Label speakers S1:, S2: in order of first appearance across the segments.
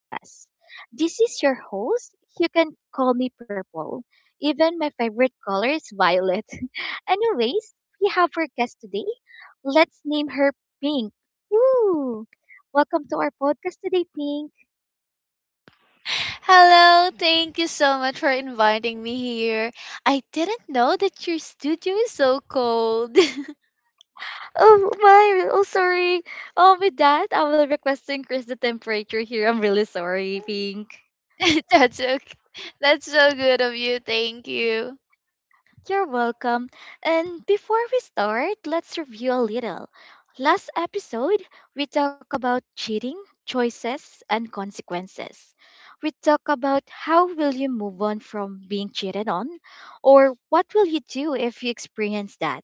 S1: Podcast. This is your host. You can call me Purple. Even my favorite color is violet. Anyways, we have our guest today. Let's name her Pink. Woo! Welcome to our podcast today, Pink.
S2: Hello, thank you so much for inviting me here. I didn't know that your studio is so cold.
S1: Oh my! Oh sorry. Oh, with that, I will requesting increase the temperature here. I'm really sorry, Pink.
S2: That's okay. That's so good of you. Thank you.
S1: You're welcome. And before we start, let's review a little. Last episode, we talked about cheating, choices, and consequences. We talked about how will you move on from being cheated on or what will you do if you experience that.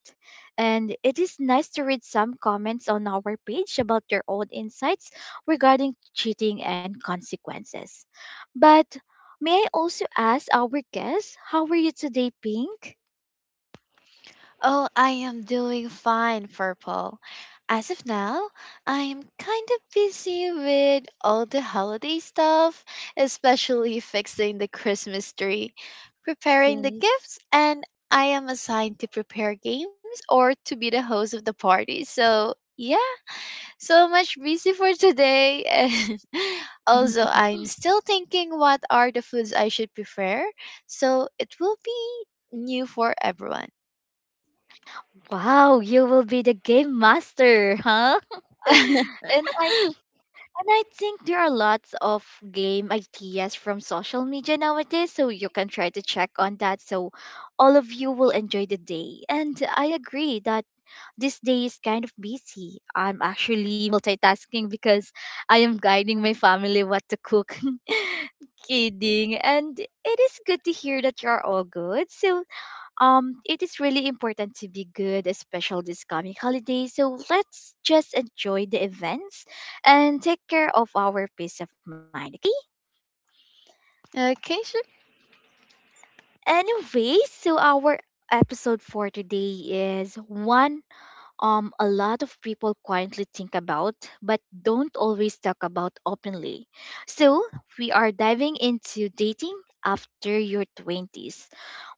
S1: And it is nice to read some comments on our page about your own insights regarding cheating and consequences. But may I also ask our guests, how are you today, Pink?
S2: Oh, I am doing fine, Purple. As of now, I am kind of busy with all the holiday stuff, especially fixing the Christmas tree, preparing the
S1: Yes.
S2: gifts, and I am assigned to prepare games or to be the host of the party. So, yeah, so much busy for today, and also I'm still thinking what are the foods I should prefer so it will be new for everyone.
S1: Wow, you will be the game master, huh? and I and I think there are lots of game ideas from social media nowadays, so you can try to check on that. So all of you will enjoy the day. And I agree that this day is kind of busy. I'm actually multitasking because I am guiding my family what to cook. Kidding. And it is good to hear that you're all good. So it is really important to be good, especially this coming holiday. So let's just enjoy the events and take care of our peace of mind.
S2: Okay, sure.
S1: Anyway, so our episode for today is one a lot of people quietly think about but don't always talk about openly. So we are diving into dating after your 20s.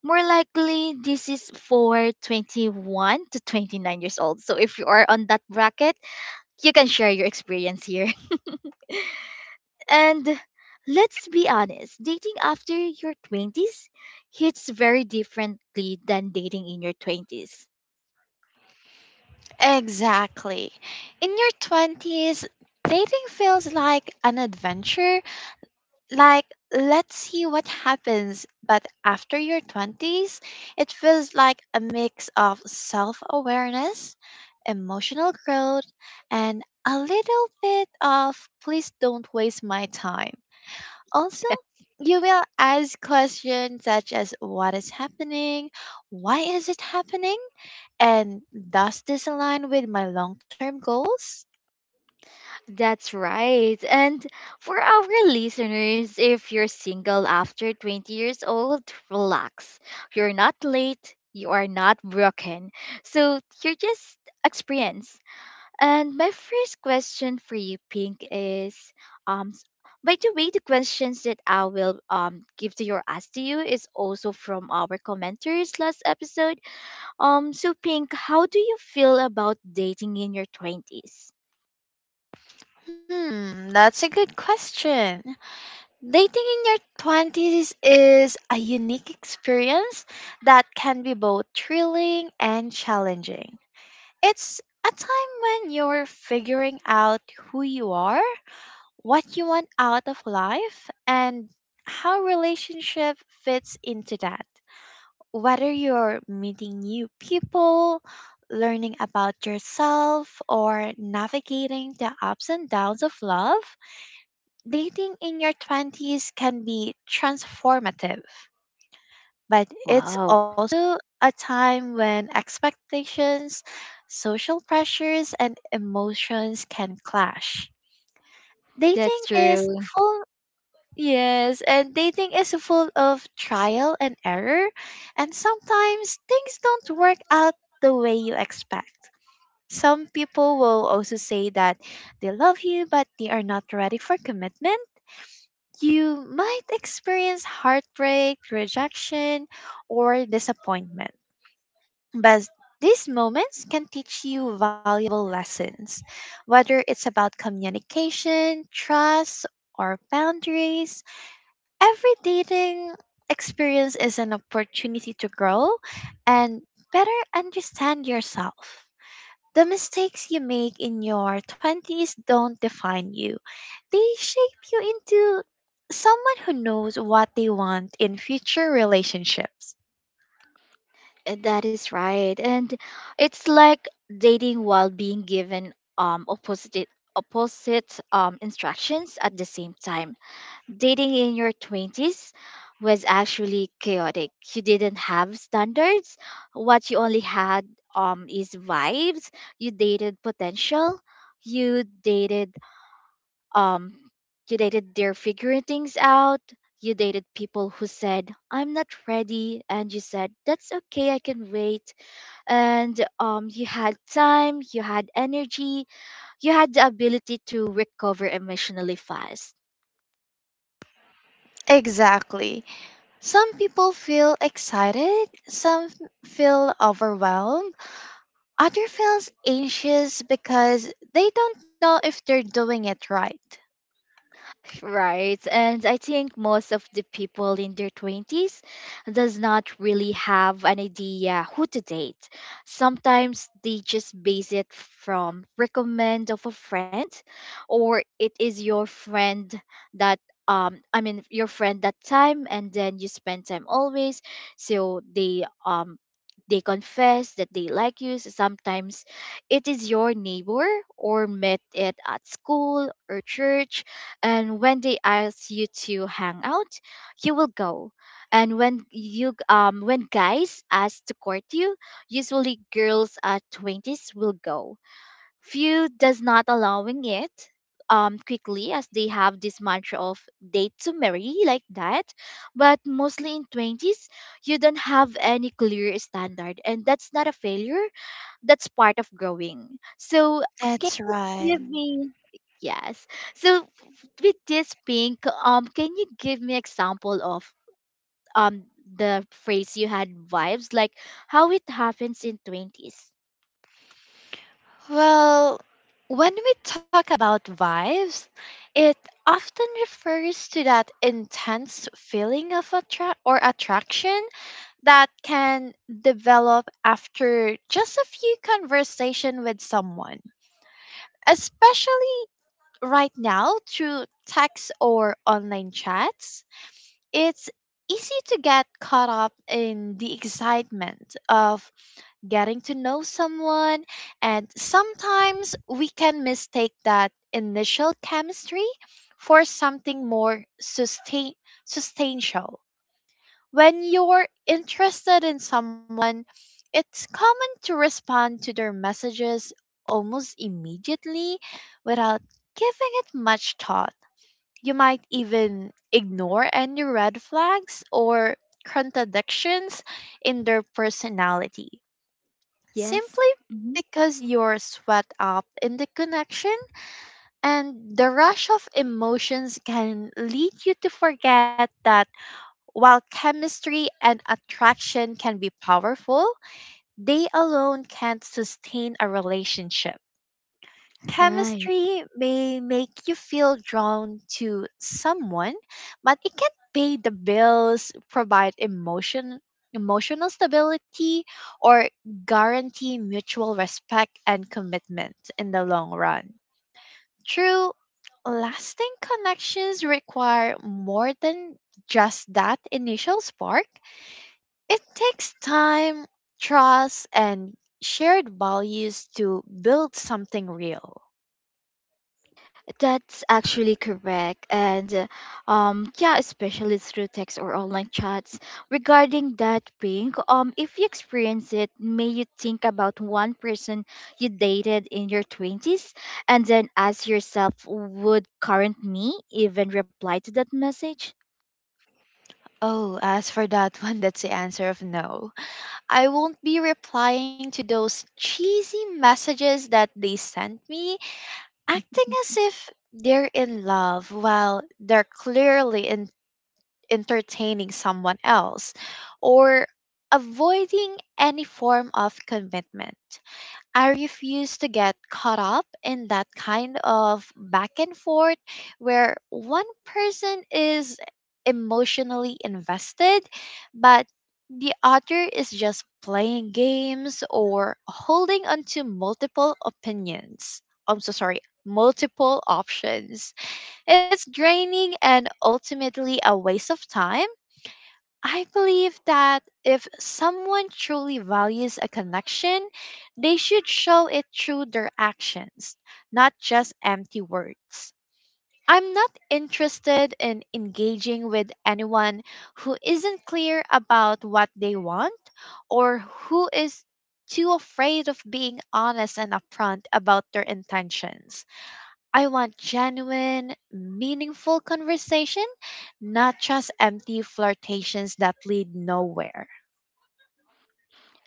S1: More likely, this is for 21 to 29 years old. So if you are on that bracket, you can share your experience here. And let's be honest, dating after your 20s hits very differently than dating in your 20s.
S2: Exactly. In your 20s, dating feels like an adventure, like let's see what happens. But after your 20s, it feels like a mix of self-awareness, emotional growth, and a little bit of please don't waste my time. Also, you will ask questions such as what is happening, why is it happening, and does this align with my long-term goals.
S1: That's right. And for our listeners, if you're single after 20 years old, relax. You're not late, you are not broken. So you're just experienced. And my first question for you, Pink, is um s- by the way, the questions that I will give to your ask to you is also from our commenters last episode. So Pink, how do you feel about dating in your twenties?
S2: Hmm, that's a good question. Dating in your 20s is a unique experience that can be both thrilling and challenging. It's a time when you're figuring out who you are, what you want out of life, and how relationship fits into that. Whether you're meeting new people, learning about yourself, or navigating the ups and downs of love, dating in your 20s can be transformative, but it's
S1: Wow,
S2: also a time when expectations, social pressures, and emotions can clash.
S1: that's
S2: Dating
S1: true.
S2: is full. Yes, and dating is full of trial and error, and sometimes things don't work out the way you expect. Some people will also say that they love you, but they are not ready for commitment. You might experience heartbreak, rejection, or disappointment. But these moments can teach you valuable lessons, whether it's about communication, trust, or boundaries. Every dating experience is an opportunity to grow and better understand yourself. The mistakes you make in your 20s don't define you, they shape you into someone who knows what they want in future relationships.
S1: That is right. And it's like dating while being given opposite instructions at the same time. Dating in your 20s was actually chaotic. You didn't have standards. What you only had is vibes. You dated potential. You dated um you dated their figuring things out. You dated people who said, I'm not ready. And you said, That's okay, I can wait and you had time, you had energy, you had the ability to recover emotionally fast.
S2: Exactly. Some people feel excited, some feel overwhelmed, other feels anxious because they don't know if they're doing it right.
S1: Right. And I think most of the people in their 20s does not really have an idea who to date. Sometimes they just base it from recommend of a friend or it is your friend that I mean your friend that time and then you spend time always. So they confess that they like you. So sometimes it is your neighbor or met it at school or church and when they ask you to hang out, you will go. And when guys ask to court you, usually girls at twenties will go. Few does not allowing it quickly as they have this mantra of date to marry like that. But mostly in twenties, you don't have any clear standard, and that's not a failure that's part of growing. So can
S2: That's
S1: you
S2: right.
S1: give me yes. So with this pink, can you give me example of um the phrase you had vibes like how it happens in twenties?
S2: Well, when we talk about vibes, it often refers to that intense feeling of attraction that can develop after just a few conversation with someone, especially right now through text or online chats. It's easy to get caught up in the excitement of getting to know someone, and sometimes we can mistake that initial chemistry for something more sustain substantial. When you're interested in someone, it's common to respond to their messages almost immediately without giving it much thought. You might even ignore any red flags or contradictions in their personality
S1: Yes.
S2: simply
S1: Mhm.
S2: because you're swept up in the connection, and the rush of emotions can lead you to forget while chemistry and attraction can be powerful. They alone can't sustain a relationship.
S1: Right.
S2: Chemistry may make you feel drawn to someone, but it can't pay the bills, provide emotional stability, or guarantee mutual respect and commitment in the long run. True lasting connections require more than just that initial spark. It takes time, trust, and shared values to build something real.
S1: That's actually correct. And yeah, especially through text or online chats. Regarding that ping, if you experience it, may you think about one person you dated in your 20s and then ask yourself would current me even reply to that message?
S2: Oh, as for that one, that's the answer of no. I won't be replying those cheesy messages that they sent me, acting as if they're in love while they're clearly entertaining someone else, or avoiding any form of commitment. I refuse to get caught up in that kind of back and forth where one person is emotionally invested, but the other is just playing games or holding onto multiple opinions. I'm so sorry, multiple options. It's draining and ultimately a waste of time. I believe that if someone truly values a connection, they should show it through their actions, not just empty words. I'm not interested in engaging with anyone who isn't clear about what they want, or who is too afraid of being honest and upfront about their intentions. I want genuine, meaningful conversation, not just empty flirtations that lead nowhere.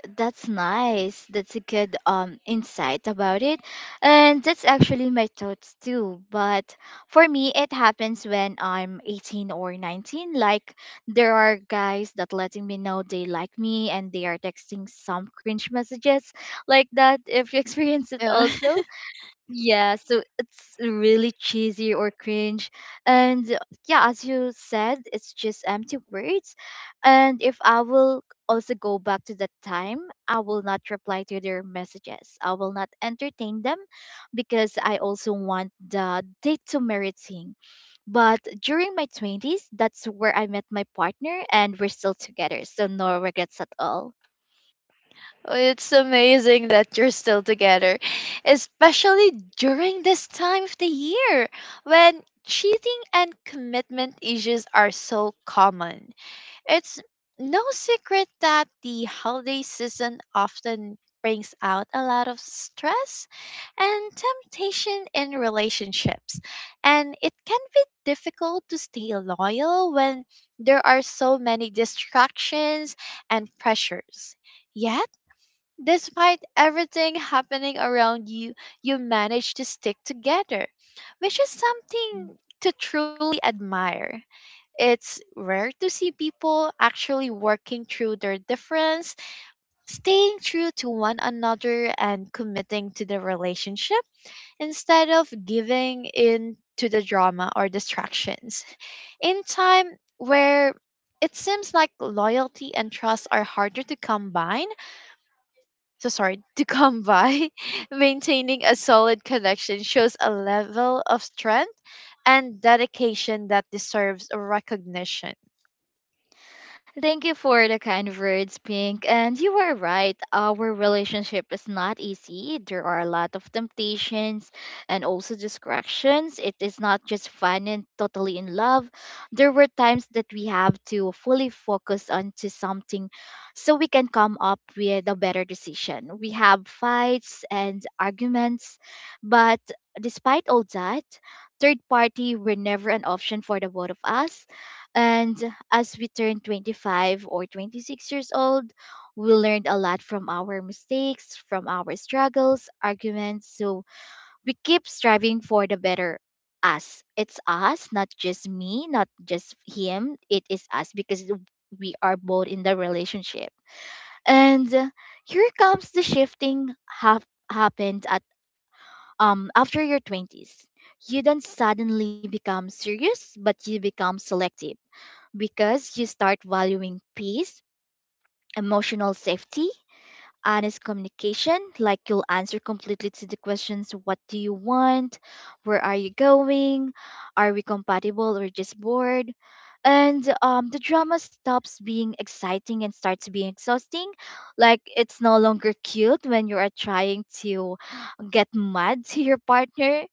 S1: That's nice. That's a good insight about it. And that's actually my thoughts too. But for me it happens when I'm 18 or 19. Like there are guys that letting me know they like me and they are texting some cringe messages like that if you experience it
S2: No.
S1: also. Yeah, so it's really cheesy or cringe. And yeah, as you said, it's just empty words. And if I will also go back to that time, I will not reply to their messages. I will not entertain them because I also want the date to merit thing. But during my 20s, that's where I met my partner and we're still together. So no regrets at all.
S2: It's amazing that you're still together, especially during this time of the year when cheating and commitment issues are so common. It's no secret that the holiday season often brings out a lot of stress and temptation in relationships, and it can be difficult to stay loyal when there are so many distractions and pressures. Yet, despite everything happening around you, you manage to stick together, which is something to truly admire. It's rare to see people actually working through their difference, staying true to one another, and committing to the relationship instead of giving in to the drama or distractions. In time where it seems like loyalty and trust are harder to combine, so sorry, to come by, maintaining a solid connection shows a level of strength and dedication that deserves recognition.
S1: Thank you for the kind words, Pink. And you are right. Our relationship is not easy. There are a lot of temptations and also distractions. It is not just fun and totally in love. There were times that we have to fully focus onto something so we can come up with a better decision. We have fights and arguments, but despite all that, third party were never an option for the both of us and as we turn 25 or 26 years old, we learned a lot from our mistakes, from our struggles, arguments. So we keep striving for the better us. It's us, not just me, not just him. It is us because we are both in the relationship. And here comes the shifting happened at after your 20s. You don't suddenly become serious, but you become selective because you start valuing peace, emotional safety, honest communication, like you'll answer completely to the questions what do you want, where are you going, are we compatible or just bored? And the drama stops being exciting and starts being exhausting. Like it's no longer cute when you are trying to get mad to your partner.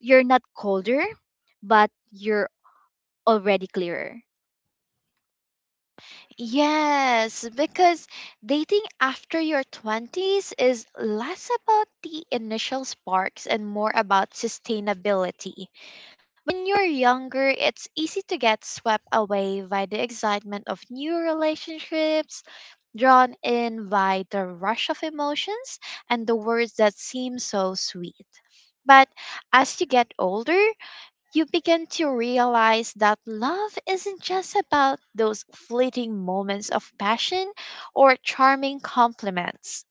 S1: You're not colder, but you're already clearer.
S2: Yes, because dating after your 20s is less about the initial sparks and more about sustainability. When you're younger, it's easy to get swept away by the excitement of new relationships, drawn in by the rush of emotions and the words that seem so sweet. But as you get older, you begin to realize that love isn't just about those fleeting moments of passion or charming compliments.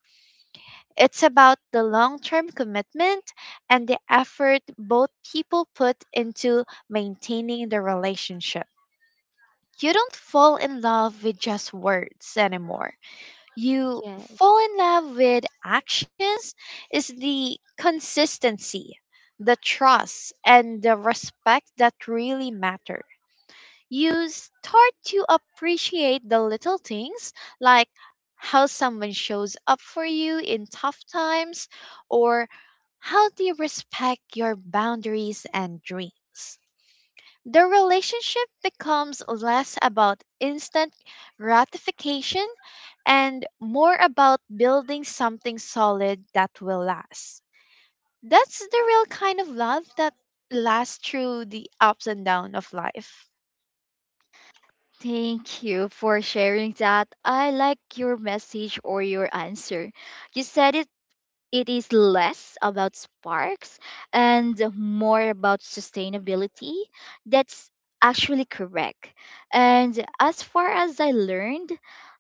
S2: It's about the long term commitment and the effort both people put into maintaining the relationship. You don't fall in love with just words anymore. You
S1: Yes.
S2: fall in love with actions, is the consistency, the trust, and the respect that really matter. You start to appreciate the little things, like how someone shows up for you in tough times or how they respect your boundaries and dreams. The relationship becomes less about instant gratification and more about building something solid that will last. That's the real kind of love that lasts through the ups and downs of life.
S1: Thank you for sharing that. I like your message or your answer. You said it is less about sparks and more about sustainability. That's actually correct. And as far as I learned,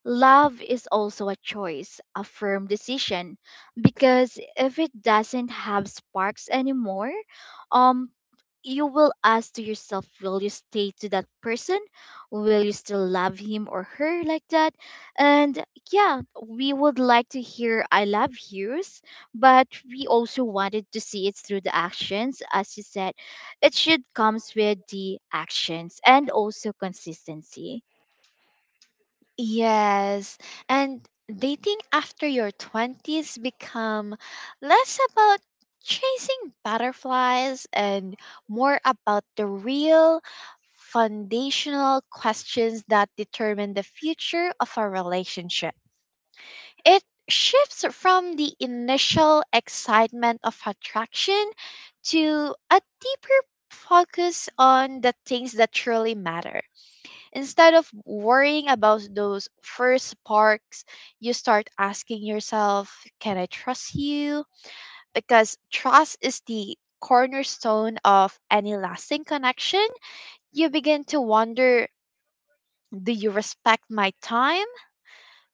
S1: love is also a choice, a firm decision, because if it doesn't have sparks anymore, um, you will ask to yourself, will you stay to that person? Will you still love him or her like that? And yeah, we would like to hear I love yous but we also wanted to see it through the actions as you said it should comes with the actions and also consistency
S2: Yes, and dating after your 20s become less about chasing butterflies and more about the real foundational questions that determine the future of a relationship. It shifts from the initial excitement of attraction to a deeper focus on the things that truly matter. Instead of worrying about those first sparks, you start asking yourself, can I trust you? Because trust is the cornerstone of any lasting connection. You begin to wonder, do you respect my time?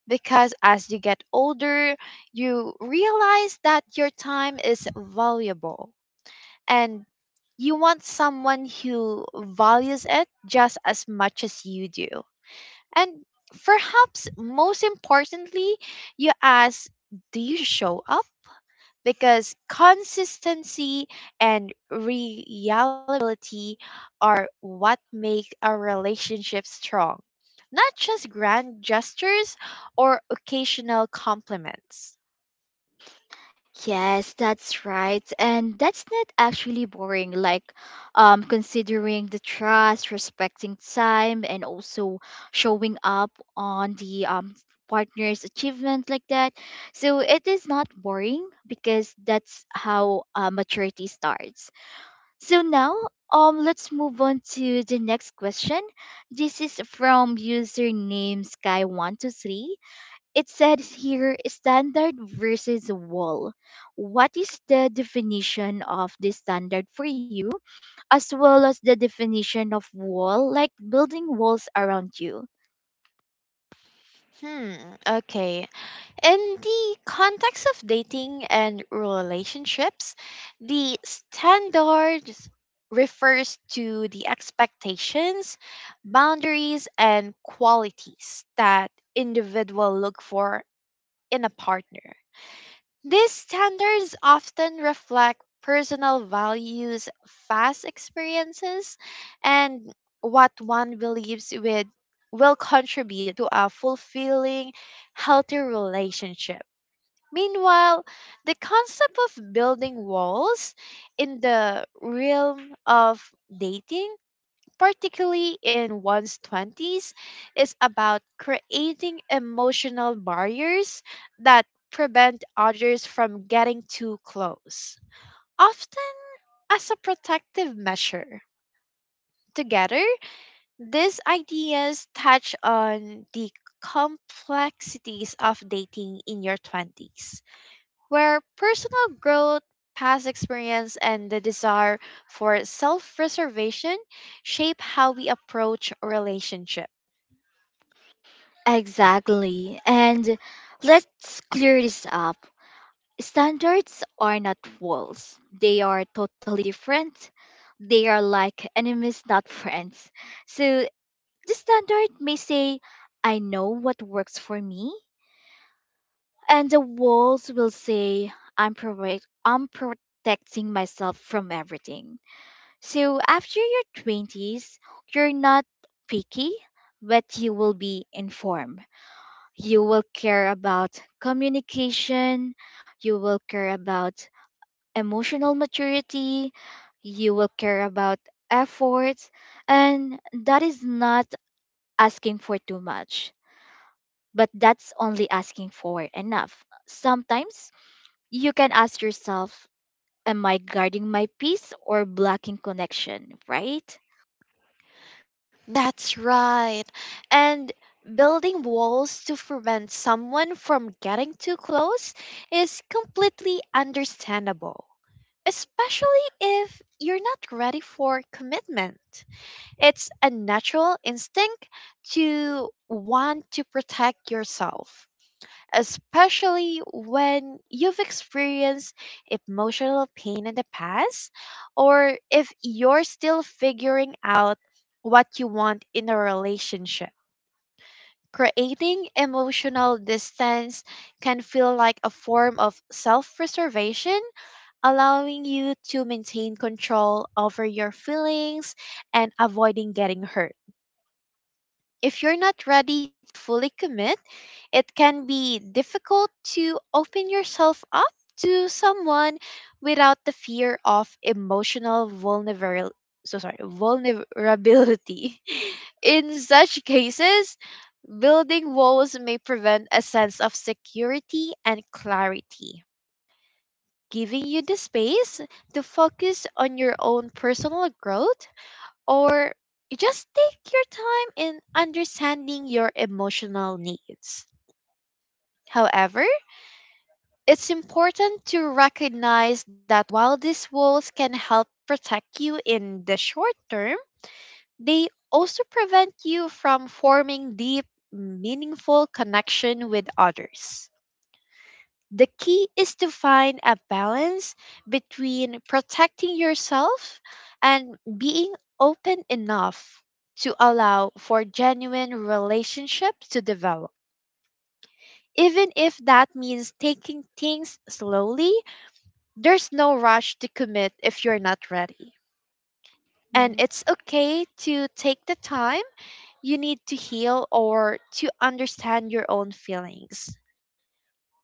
S2: Because as you get older, you realize that your time is valuable. And you want someone who values it just as much as you do. And perhaps most importantly, you ask, do you show up? Because consistency and reliability are what make a relationship strong, not just grand gestures or occasional compliments.
S1: yes that's right and that's not actually boring like considering the trust respecting time and also showing up on the partner's achievement like that so it is not boring because that's how maturity starts. So now, let's move on to the next question. This is from username Sky123. It says here standard versus wall. What is the definition of the standard for you, as well as the definition of wall, like building walls around you?
S2: Hmm, okay. In the context of dating and relationships, the standards refers to the expectations, boundaries, and qualities that individual look for in a partner. These standards often reflect personal values, past experiences, and what one believes with will contribute to a fulfilling, healthy relationship. Meanwhile, the concept of building walls in the realm of dating, particularly in one's 20s, is about creating emotional barriers that prevent others from getting too close, often as a protective measure. Together, these ideas touch on the complexities of dating in your 20s where personal growth, past experience, and the desire for self preservation shape how we approach relationship.
S1: Exactly. And let's clear this up. Standards are not walls. They are totally different. They are like enemies, not friends. So the standard may say, I know what works for me. And the walls will say, I'm protecting myself from everything. So after your 20s, you're not picky, but you will be informed. You will care about communication. You will care about emotional maturity, you will care about efforts, and that is not asking for too much, but that's only asking for enough. Sometimes you can ask yourself, am I guarding my peace or blocking connection, right?
S2: That's right. And building walls to prevent someone from getting too close is completely understandable, especially if you're not ready for commitment. It's a natural instinct to want to protect yourself, especially when you've experienced emotional pain in the past, or if you're still figuring out what you want in a relationship. Creating emotional distance can feel like a form of self preservation, allowing you to maintain control over your feelings and avoiding getting hurt. If you're not ready to fully commit, it can be difficult to open yourself up to someone without the fear of emotional vulnerability. So sorry, vulnerability. In such cases, building walls may prevent a sense of security and clarity, giving you the space to focus on your own personal growth or just take your time in understanding your emotional needs. However, it's important to recognize that while these walls can help protect you in the short term, they also prevent you from forming deep, meaningful connection with others. The key is to find a balance between protecting yourself and being open enough to allow for genuine relationships to develop. Even if that means taking things slowly, there's no rush to commit if you're not ready. And
S1: Yes.
S2: it's okay to take the time you need to heal or to understand your own feelings.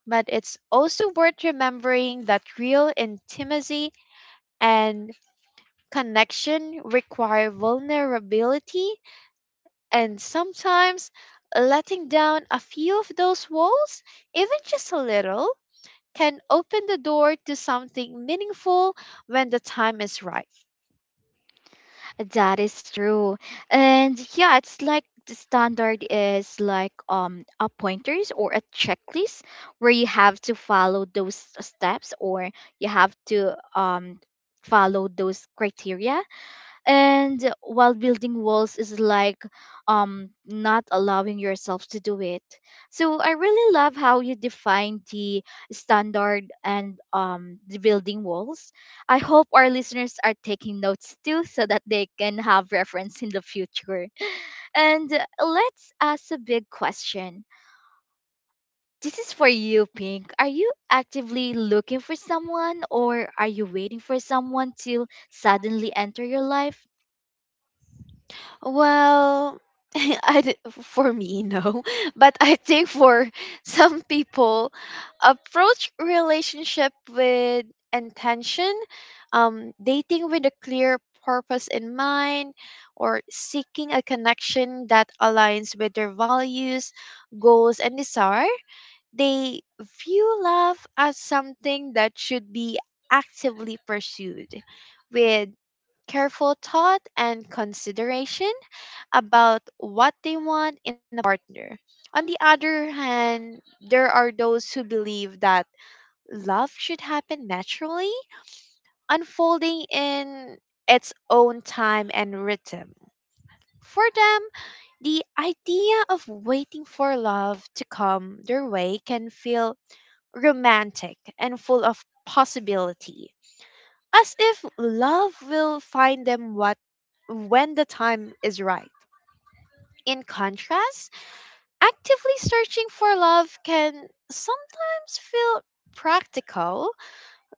S2: But it's also worth remembering that real intimacy and connection require vulnerability, and sometimes letting down a few of those walls, even just a little, can open the door to something meaningful when the time is right.
S1: That is true. And yeah, it's like the standard is like a pointers or a checklist where you have to follow those steps or you have to follow those criteria and while building walls is like not allowing yourself to do it so I really love how you define the standard and the building walls. I hope our listeners are taking notes too so that they can have reference in the future. And let's ask a big question. This is for you Pink, are you actively looking for someone or are you waiting for someone to suddenly enter your life?
S2: Well, for me no, but I think for some people, approach relationship with intention, dating with a clear purpose in mind, or seeking a connection that aligns with their values, goals, and desire. They view love as something that should be actively pursued with careful thought and consideration about what they want in a partner. On the other hand, there are those who believe that love should happen naturally, unfolding in its own time and rhythm. For them, the idea of waiting for love to come their way can feel romantic and full of possibility, as if love will find them what when the time is right. In contrast, actively searching for love can sometimes feel practical,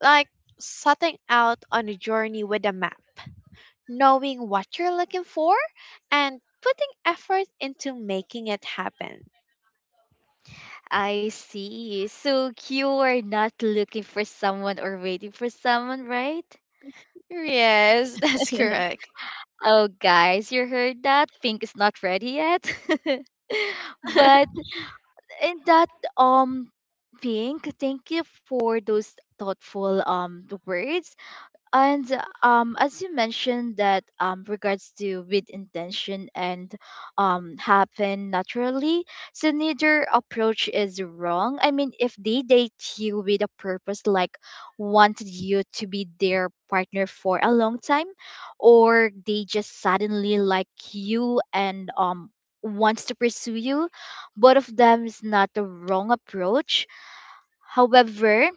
S2: like setting out on a journey with a map, knowing what you're looking for, and putting effort into making it happen.
S1: I see. So you are not looking for someone or waiting for someone, right?
S2: Yes, that's correct.
S1: Oh, guys, you heard that? Pink is not ready yet. But in that, um, Pink, thank you for those thoughtful words. And as you mentioned that regards to with intention and happen naturally, so neither approach is wrong. I mean, if they date you with a purpose, like wanted you to be their partner for a long time, or they just suddenly like you and wants to pursue you, both of them is not the wrong approach. However,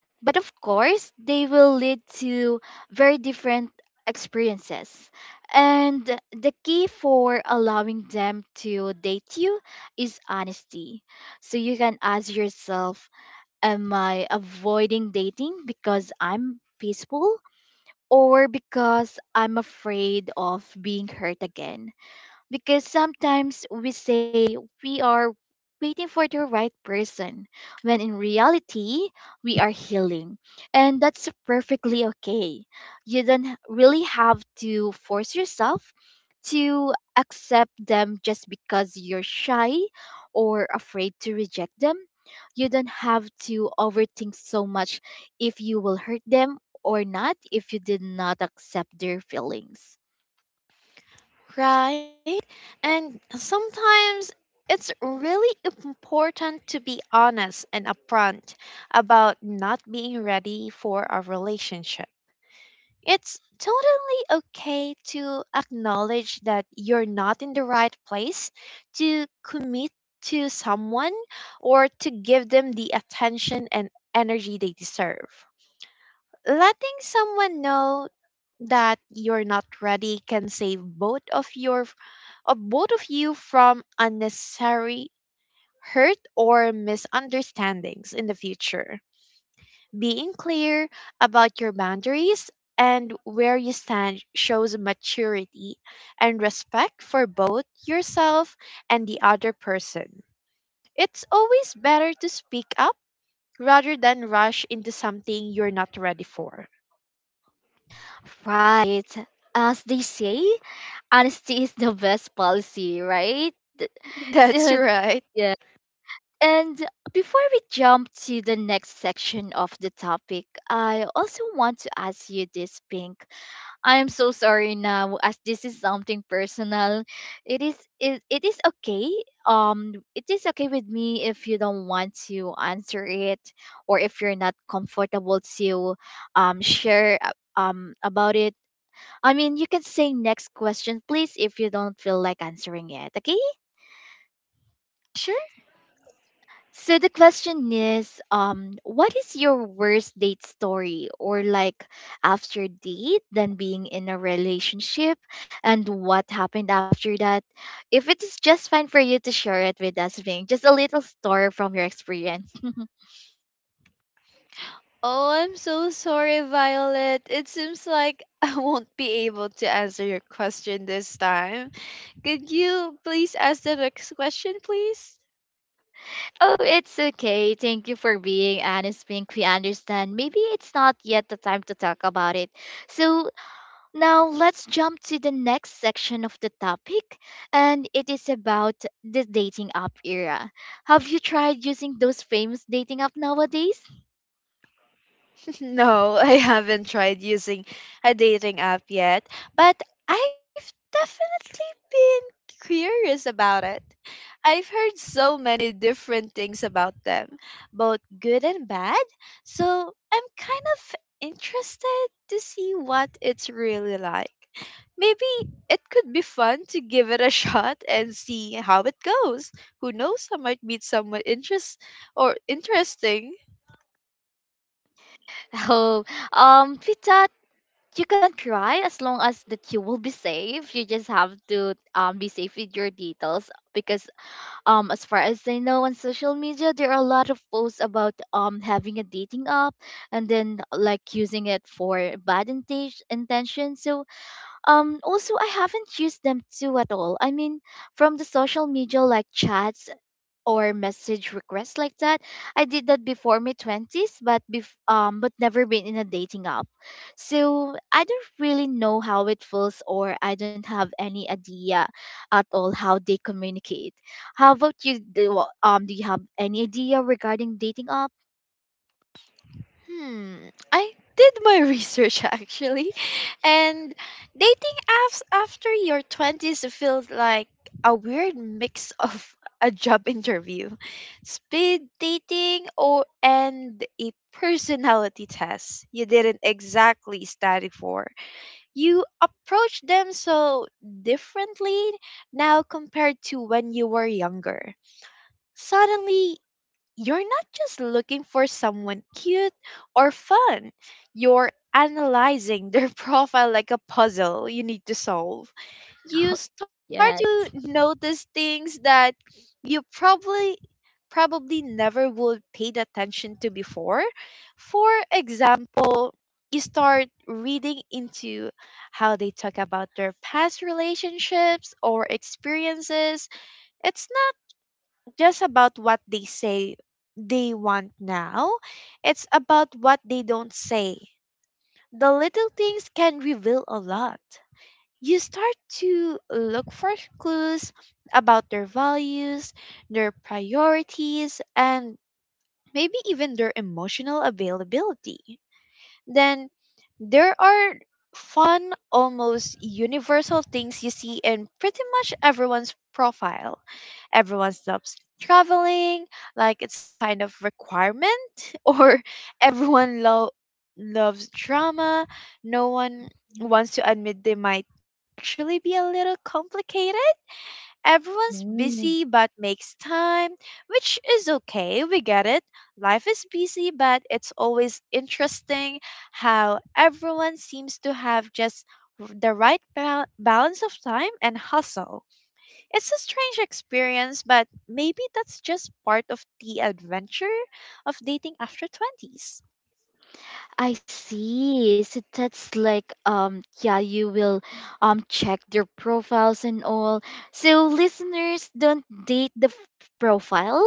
S1: but of course, they will lead to very different experiences. And the key for allowing them to date you is honesty. So you can ask yourself, am I avoiding dating because I'm peaceful or because I'm afraid of being hurt again? Because sometimes we say we are waiting for the right person when in reality we are healing, and that's perfectly okay. You don't really have to force yourself to accept them just because you're shy or afraid to reject them. You don't have to overthink so much if you will hurt them or not if you did not accept their feelings.
S2: Right? And sometimes it's really important to be honest and upfront about not being ready for a relationship. It's totally okay to acknowledge that you're not in the right place to commit to someone or to give them the attention and energy they deserve. Letting someone know that you're not ready can save both of your of both of you from unnecessary hurt or misunderstandings in the future. Being clear about your boundaries and where you stand shows maturity and respect for both yourself and the other person. It's always better to speak up rather than rush into something you're not ready for.
S1: Right. As they say, honesty is the best policy, right?
S2: That's
S1: Uh,
S2: right.
S1: yeah. And before we jump to the next section of the topic, I also want to ask you this, Pink. I'm so sorry now, as this is something personal. It is okay. It is okay with me if you don't want to answer it, or if you're not comfortable to share about it. You can say next question, please, if you don't feel like answering it, okay?
S2: Sure.
S1: So the question is, what is your worst date story, or like after date than being in a relationship, and what happened after that? If it is just fine for you to share it with us, Ving, just a little story from your experience.
S2: Oh, I'm so sorry, Violet. It seems like I won't be able to answer your question this time. Could you please ask the next question, please?
S1: Oh, it's okay. Thank you for being honest, Pink. We understand. Maybe it's not yet the time to talk about it. So now let's jump to the next section of the topic, and it is about the dating app era. Have you tried using those famous dating app nowadays?
S2: No, I haven't tried using a dating app yet, but I definitely been curious about it. I've heard so many different things about them, both good and bad, so I'm kind of interested to see what it's really like. Maybe it could be fun to give it a shot and see how it goes. Who knows, I might meet someone interesting
S1: Oh, Pita, you can try as long as that you will be safe. You just have to be safe with your details because as far as I know, on social media there are a lot of posts about having a dating app and then like using it for intention. So also I haven't used them too at all. I mean, from the social media like chats or message requests like that. I did that before my 20s, but but never been in a dating app. So I don't really know how it feels, or I don't have any idea at all how they communicate. How about you, do do you have any idea regarding dating app?
S2: Hmm, I did my research actually. And dating apps after your 20s feels like a weird mix of a job interview, speed dating or and a personality test you didn't exactly study for. You approach them so differently now compared to when you were younger. Suddenly you're not just looking for someone cute or fun, you're analyzing their profile like a puzzle you need to solve. You start
S1: Yes.
S2: to notice things that you probably never would paid attention to before. For example, you start reading into how they talk about their past relationships or experiences. It's not just about what they say they want now, it's about what they don't say. The little things can reveal a lot. You start to look for clues about their values, their priorities, and maybe even their emotional availability. Then there are fun, almost universal things you see in pretty much everyone's profile. Everyone stops traveling, like it's some kind of requirement, or everyone lo- loves drama. No one wants to admit they might actually be a little complicated. Everyone's busy but makes time, which is okay. We get it. Life is busy, but it's always interesting how everyone seems to have just the right balance of time and hustle. It's a strange experience, but maybe that's just part of the adventure of dating after 20s.
S1: I see. So that's like yeah, you will check their profiles and all. So listeners, don't date the profile.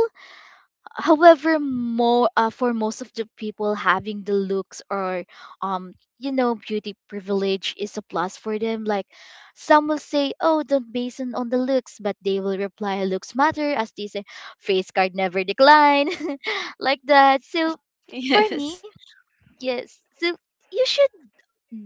S1: However, more for most of the people, having the looks or um you know, beauty privilege is a plus for them. Like, some will say, "Oh, don't base on the looks," but they will reply, "Looks matter," as they say, "Face card never decline," like that. So for me,
S2: Yes.
S1: yes. So you should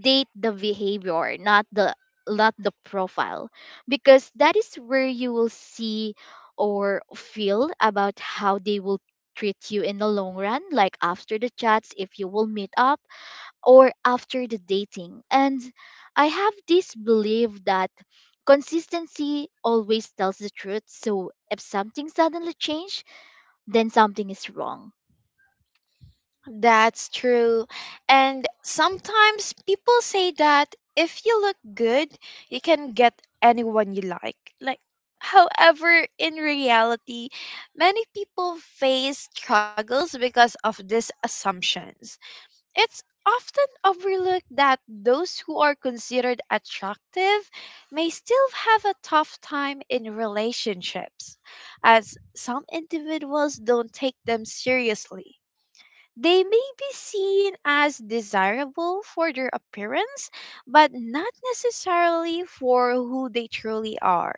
S1: date the behavior, not the not the profile, because that is where you will see or feel about how they will treat you in the long run, like after the chats if you will meet up or after the dating. And I have this belief that consistency always tells the truth, so if something suddenly changed, then something is wrong.
S2: That's true. And sometimes people say that if you look good, you can get anyone you like. Like, however, in reality, many people face struggles because of these assumptions. It's often overlooked that those who are considered attractive may still have a tough time in relationships, as some individuals don't take them seriously. They may be seen as desirable for their appearance, but not necessarily for who they truly are.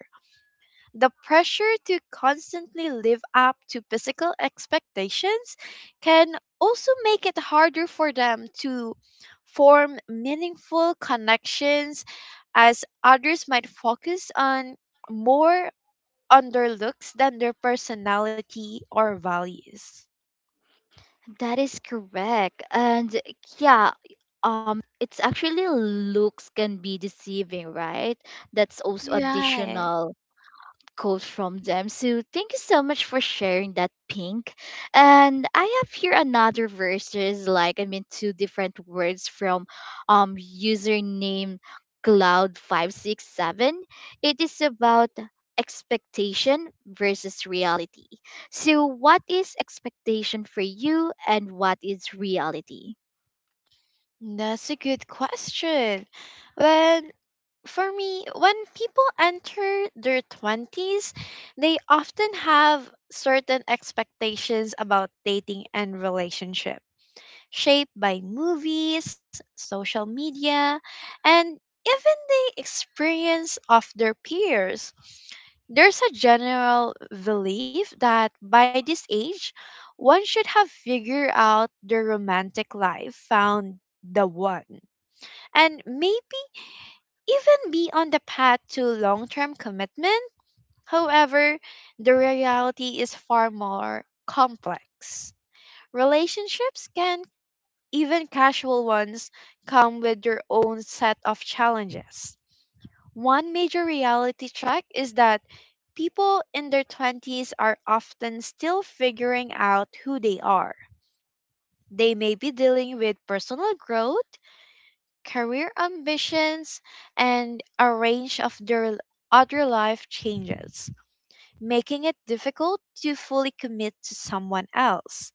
S2: The pressure to constantly live up to physical expectations can also make it harder for them to form meaningful connections as others might focus on more on their looks than their personality or values.
S1: That is correct. And yeah, um it's actually, looks can be deceiving, right? That's also
S2: Right.
S1: additional quote from them. So thank you so much for sharing that, Pink. And I have here another verse. There's like, I mean, two different words from username cloud 567. It is about expectation versus reality. So what is expectation for you and what is reality?
S2: That's a good question. When For me, when people enter their 20s, they often have certain expectations about dating and relationship, shaped by movies, social media, and even the experience of their peers. There's a general belief that by this age, one should have figured out their romantic life, found the one, and maybe even be on the path to long term commitment. However, the reality is far more complex. Relationships can, even casual ones, come with their own set of challenges. One major reality check is that people in their 20s are often still figuring out who they are. They may be dealing with personal growth, career ambitions, and a range of their other life changes, making it difficult to fully commit to someone else.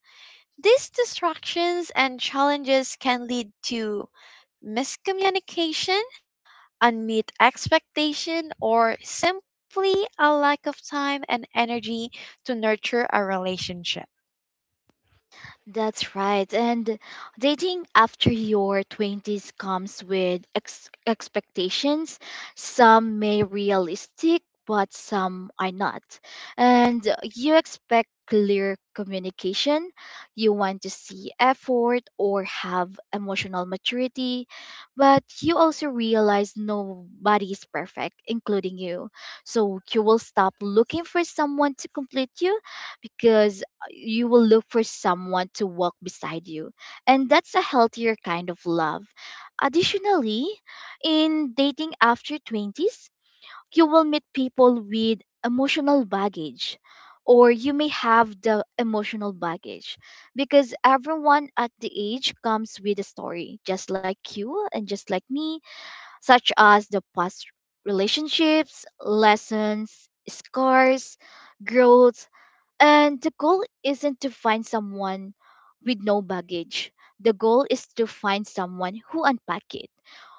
S2: These distractions and challenges can lead to miscommunication, unmet expectation, or simply a lack of time and energy to nurture a relationship.
S1: That's right. And dating after your 20s comes with expectations. Some may realistic, but some are not. And you expect clear communication. You want to see effort or have emotional maturity, but you also realize nobody is perfect, including you. So you will stop looking for someone to complete you, because you will look for someone to walk beside you. And that's a healthier kind of love. Additionally, in dating after 20s, you will meet people with emotional baggage, or you may have the emotional baggage, because everyone at the age comes with a story just like you and just like me, such as the past relationships, lessons, scars, growth. And the goal isn't to find someone with no baggage. The goal is to find someone who unpack it.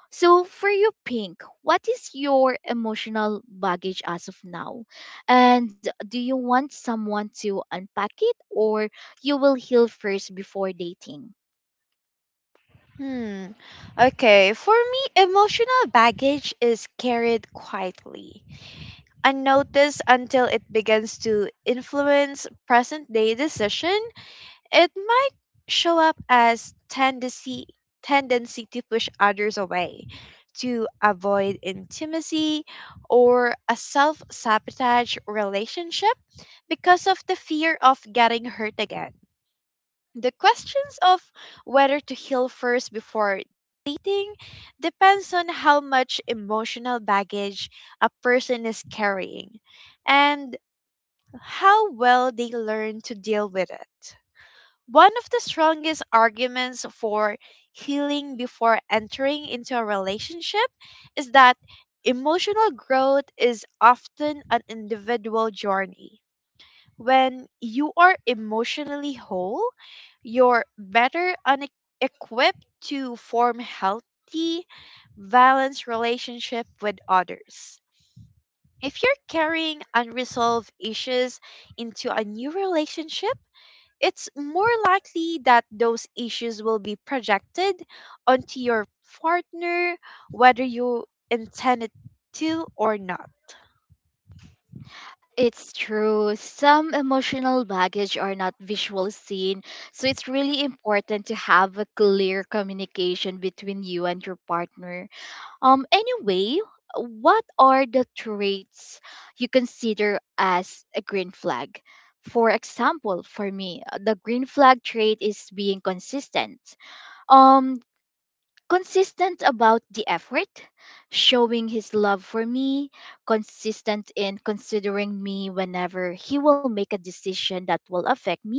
S1: So for you, Pink, what is your emotional baggage as of now? And do you want someone to unpack it, or you will heal first before dating?
S2: Hmm. Okay, for me, emotional baggage is carried quietly, unnoticed until it begins to influence present day decision. It might show up as tendency to push others away, to avoid intimacy, or a self-sabotage relationship because of the fear of getting hurt again. The questions of whether to heal first before accepting depends on how much emotional baggage a person is carrying and how well they learn to deal with it. One of the strongest arguments for healing before entering into a relationship is that emotional growth is often an individual journey. When you are emotionally whole, you're equipped to form healthy, balanced relationship with others. If you're carrying unresolved issues into a new relationship, it's more likely that those issues will be projected onto your partner, whether you intend it to or not.
S1: It's true. Some emotional baggage are not visual seen. So it's really important to have a clear communication between you and your partner. Anyway, what are the traits you consider as a green flag? For example, for me, the green flag trait is being consistent. Um, Consistent about the effort, showing his love for me, consistent in considering me whenever he will make a decision that will affect me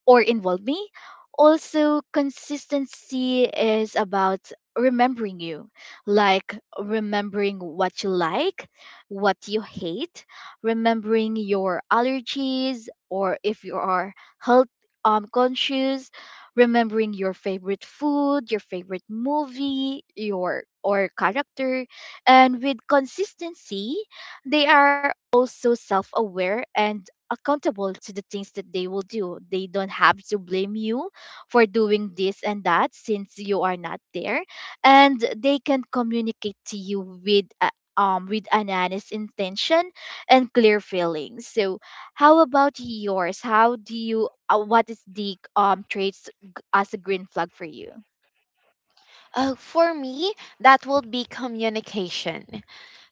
S1: or involve me. Also, consistency is about remembering you, like remembering what you like, what you hate, remembering your allergies, or if you are health conscious, remembering your favorite food, your favorite movie, your or character. And with consistency, they are also self aware and accountable to the things that they will do. They don't have to blame you for doing this and that since you are not there. And they can communicate to you with a with an honest intention and clear feelings. So how about yours? How do you what is the traits as a green flag for you?
S2: Oh, for me, that would be communication.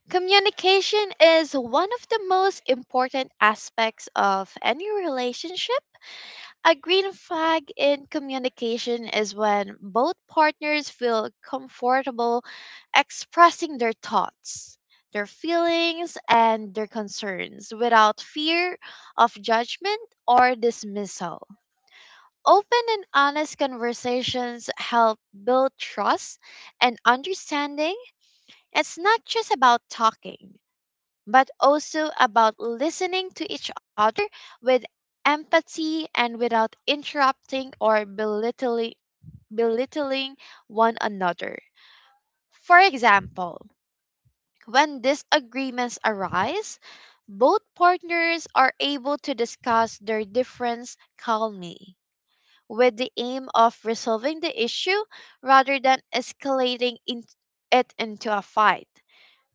S2: Communication is one of the most important aspects of any relationship. A green flag in communication is when both partners feel comfortable expressing their thoughts, their feelings, and their concerns without fear of judgment or dismissal. Open and honest conversations help build trust and understanding. It's not just about talking but also about listening to each other with empathy and without interrupting or belittling one another. For example, when disagreements arise, both partners are able to discuss their difference calmly with the aim of resolving the issue rather than it into a fight.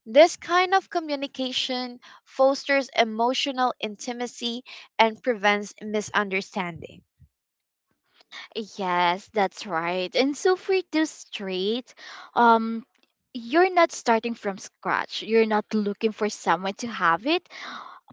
S2: This kind of communication fosters emotional intimacy and prevents misunderstanding.
S1: Yes, that's right. And so for this straight, um, you're not starting from scratch. You're not looking for someone to have it,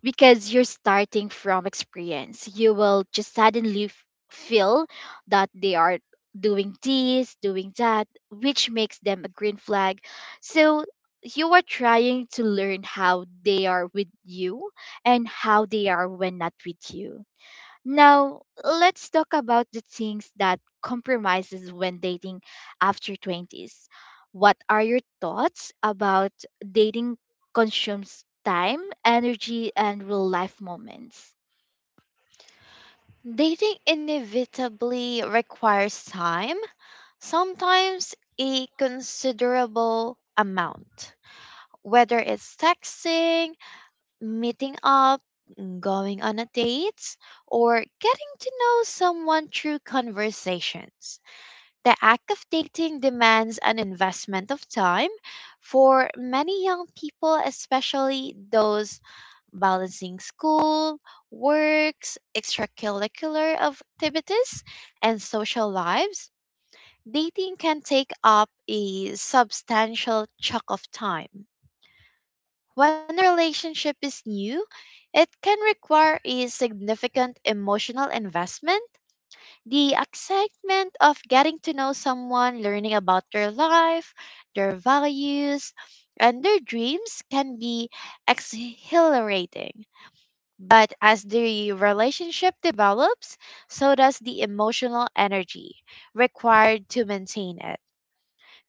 S1: because you're starting from experience. You will just suddenly feel that they are doing this, doing that, which makes them a green flag. So you are trying to learn how they are with you and how they are when not with you. Now, let's talk about the things that compromises when dating after 20s. What are your thoughts about dating consumes time, energy, and real life moments?
S2: Dating inevitably requires time, sometimes a considerable amount. Whether it's texting, meeting up, going on a date, or getting to know someone through conversations. The act of dating demands an investment of time for many young people, especially those balancing school, works, extracurricular activities, and social lives. Dating can take up a substantial chunk of time. When a relationship is new, it can require a significant emotional investment. The excitement of getting to know someone, learning about their life, their values, and their dreams can be exhilarating. But as the relationship develops, so does the emotional energy required to maintain it.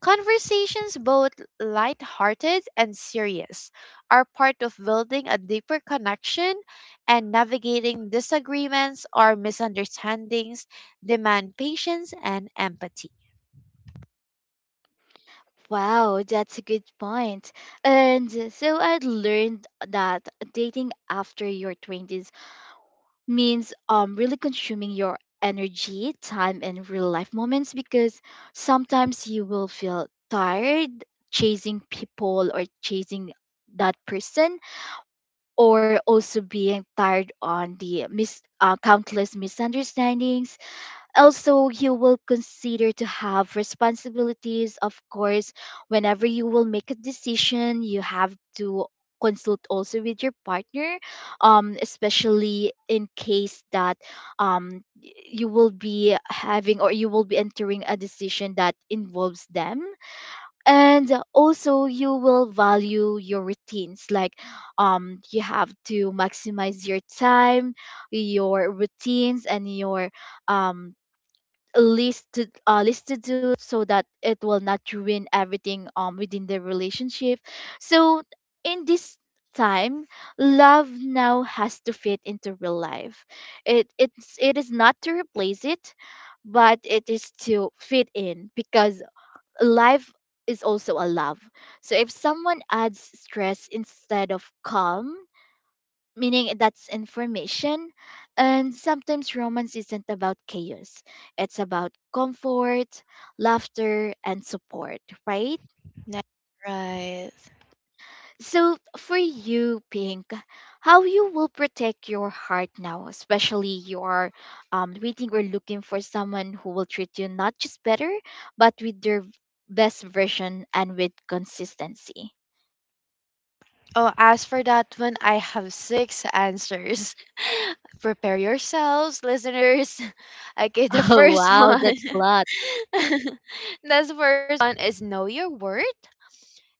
S2: Conversations, both lighthearted and serious, are part of building a deeper connection, and navigating disagreements or misunderstandings demand patience and empathy.
S1: Wow, that's a good point. And so I learned that dating after your 20s means really consuming your energy, time and real life moments, because sometimes you will feel tired chasing people or chasing that person, or also being tired on the countless misunderstandings. Also, you will consider to have responsibilities, of course. Whenever you will make a decision, you have to consult also with your partner, especially in case that you will be having or you will be entering a decision that involves them. And also, you will value your routines. Like, you have to maximize your time, your routines, and your um list to list to do, so that it will not ruin everything within the relationship. So in this time, love now has to fit into real life. It is not to replace it, but it is to fit in, because life is also a love. So if someone adds stress instead of calm, meaning that's information. And sometimes romance isn't about chaos, it's about comfort, laughter, and support, right?
S2: That's right.
S1: So, for you, Pink, how you will protect your heart now, especially you are waiting or looking for someone who will treat you not just better, but with their best version and with consistency.
S2: Oh, as for that one, I have six answers. Prepare yourselves, listeners. Okay, the
S1: Oh
S2: first
S1: wow,
S2: one.
S1: that's a lot.
S2: That's first one is know your worth.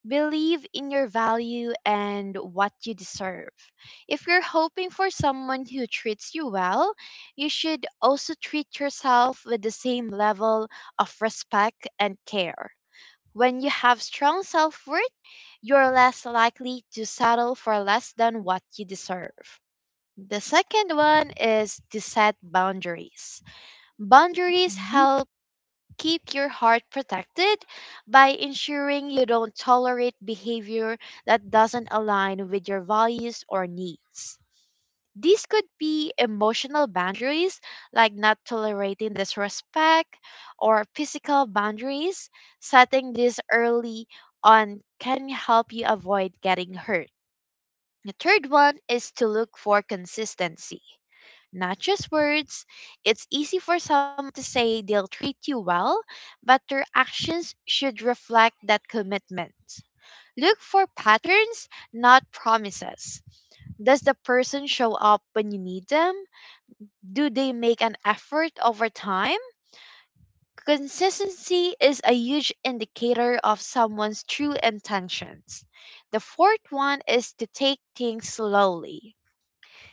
S2: Believe in your value and what you deserve. If you're hoping for someone who treats you well, you should also treat yourself with the same level of respect and care. When you have strong self worth, you're less likely to settle for less than what you deserve. The second one is to set boundaries. Boundaries
S1: Mm-hmm.
S2: help keep your heart protected by ensuring you don't tolerate behavior that doesn't align with your values or needs. These could be emotional boundaries, like not tolerating disrespect, or physical boundaries. Setting this early on can help you avoid getting hurt. The third one is to look for consistency not just words. It's easy for someone to say they'll treat you well, but their actions should reflect that commitment. Look for patterns, not promises. Does the person show up when you need them? Do they make an effort over time? Consistency is a huge indicator of someone's true intentions. The fourth one is to take things slowly.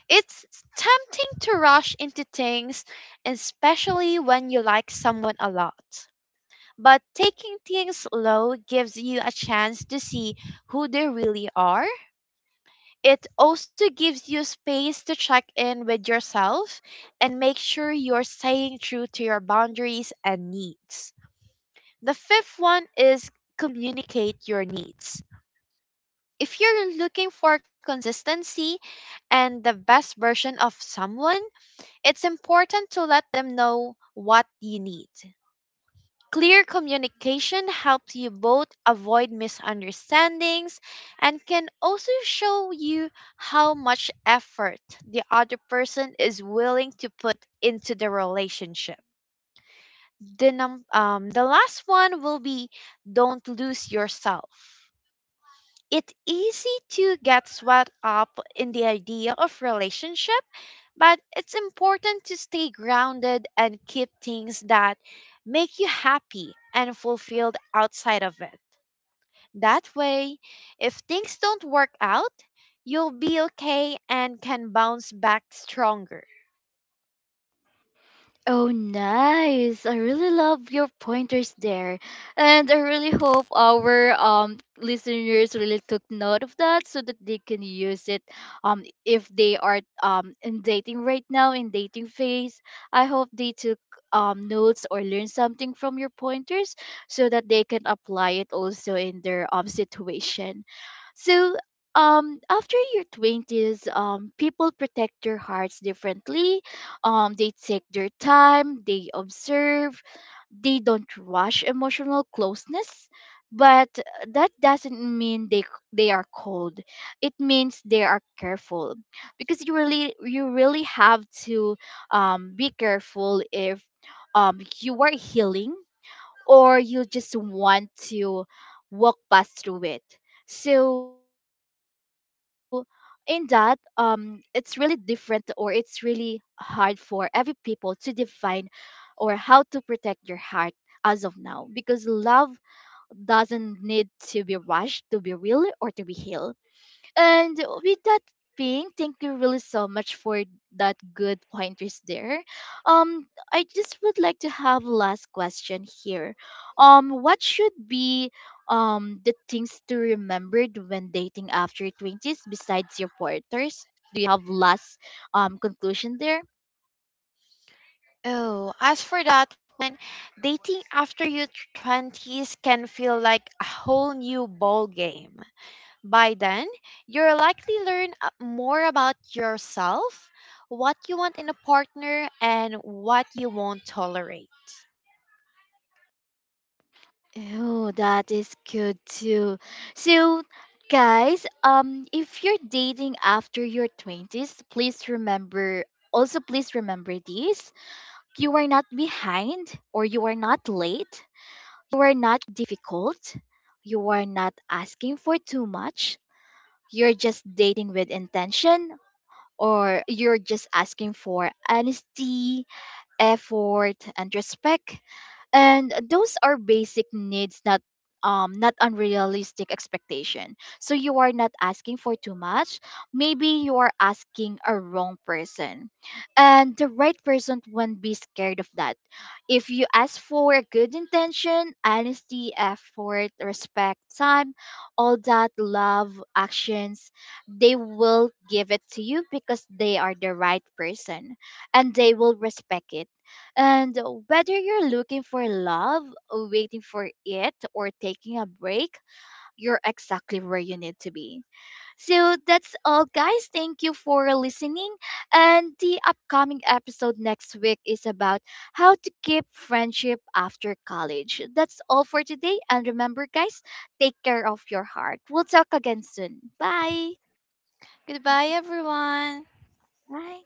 S2: It's tempting to rush into things, especially when you like someone a lot. But taking things slow gives you a chance to see who they really are. It also gives you space to check in with yourself and make sure you're staying true to your boundaries and needs. The fifth one is communicate your needs. If you're looking for consistency and the best version of someone, it's important to let them know what you need. Clear communication helps you both avoid misunderstandings and can also show you how much effort the other person is willing to put into the relationship. The last one will be don't lose yourself. It's easy to get swept up in the idea of relationship but it's important to stay grounded and keep things that make you happy and fulfilled outside of it. That way, if things don't work out, you'll be okay and can bounce back stronger.
S1: Oh, nice. I really love your pointers there. And I really hope our listeners really took note of that, so that they can use it if they are in dating right now, in dating phase. I hope they took notes or learned something from your pointers, so that they can apply it also in their situation. So after your 20s, people protect their hearts differently. They take their time, they observe, they don't rush emotional closeness. But that doesn't mean they are cold. It means they are careful, because you really have to be careful if you are healing or you just want to walk past through it. So in that, it's really different or it's really hard for every people to define or how to protect your heart as of now, because love doesn't need to be rushed to be real or to be healed. And with that being, thank you really so much for that good pointers there. Um, I just would like to have last question here. What should be the things to remember when dating after twenties besides your pointers? Do you have last conclusion there?
S2: Oh, as for that one, dating after your 20s can feel like a whole new ball game. By then, you'll likely more about yourself, what you want in a partner, and what you won't tolerate.
S1: Oh, that is good too. So, guys, if you're dating after your 20s, please remember, also please remember this. You are not behind or you are not late. You are not difficult. You are not asking for too much. You're just dating with intention, or you're just asking for honesty, effort, and respect. And those are basic needs, not not unrealistic expectation. So you are not asking for too much. Maybe you are asking a wrong person, and the right person won't be scared of that. If you ask for a good intention, honesty, effort, respect, time, all that love actions, they will give it to you, because they are the right person, and they will respect it. And whether you're looking for love, waiting for it, or taking a break, you're exactly where you need to be. So that's all, guys. Thank you for listening. And the upcoming episode next week is about how to keep friendship after college. That's all for today. And remember, guys, take care of your heart. We'll talk again soon. Bye.
S2: Goodbye, everyone.
S1: Bye.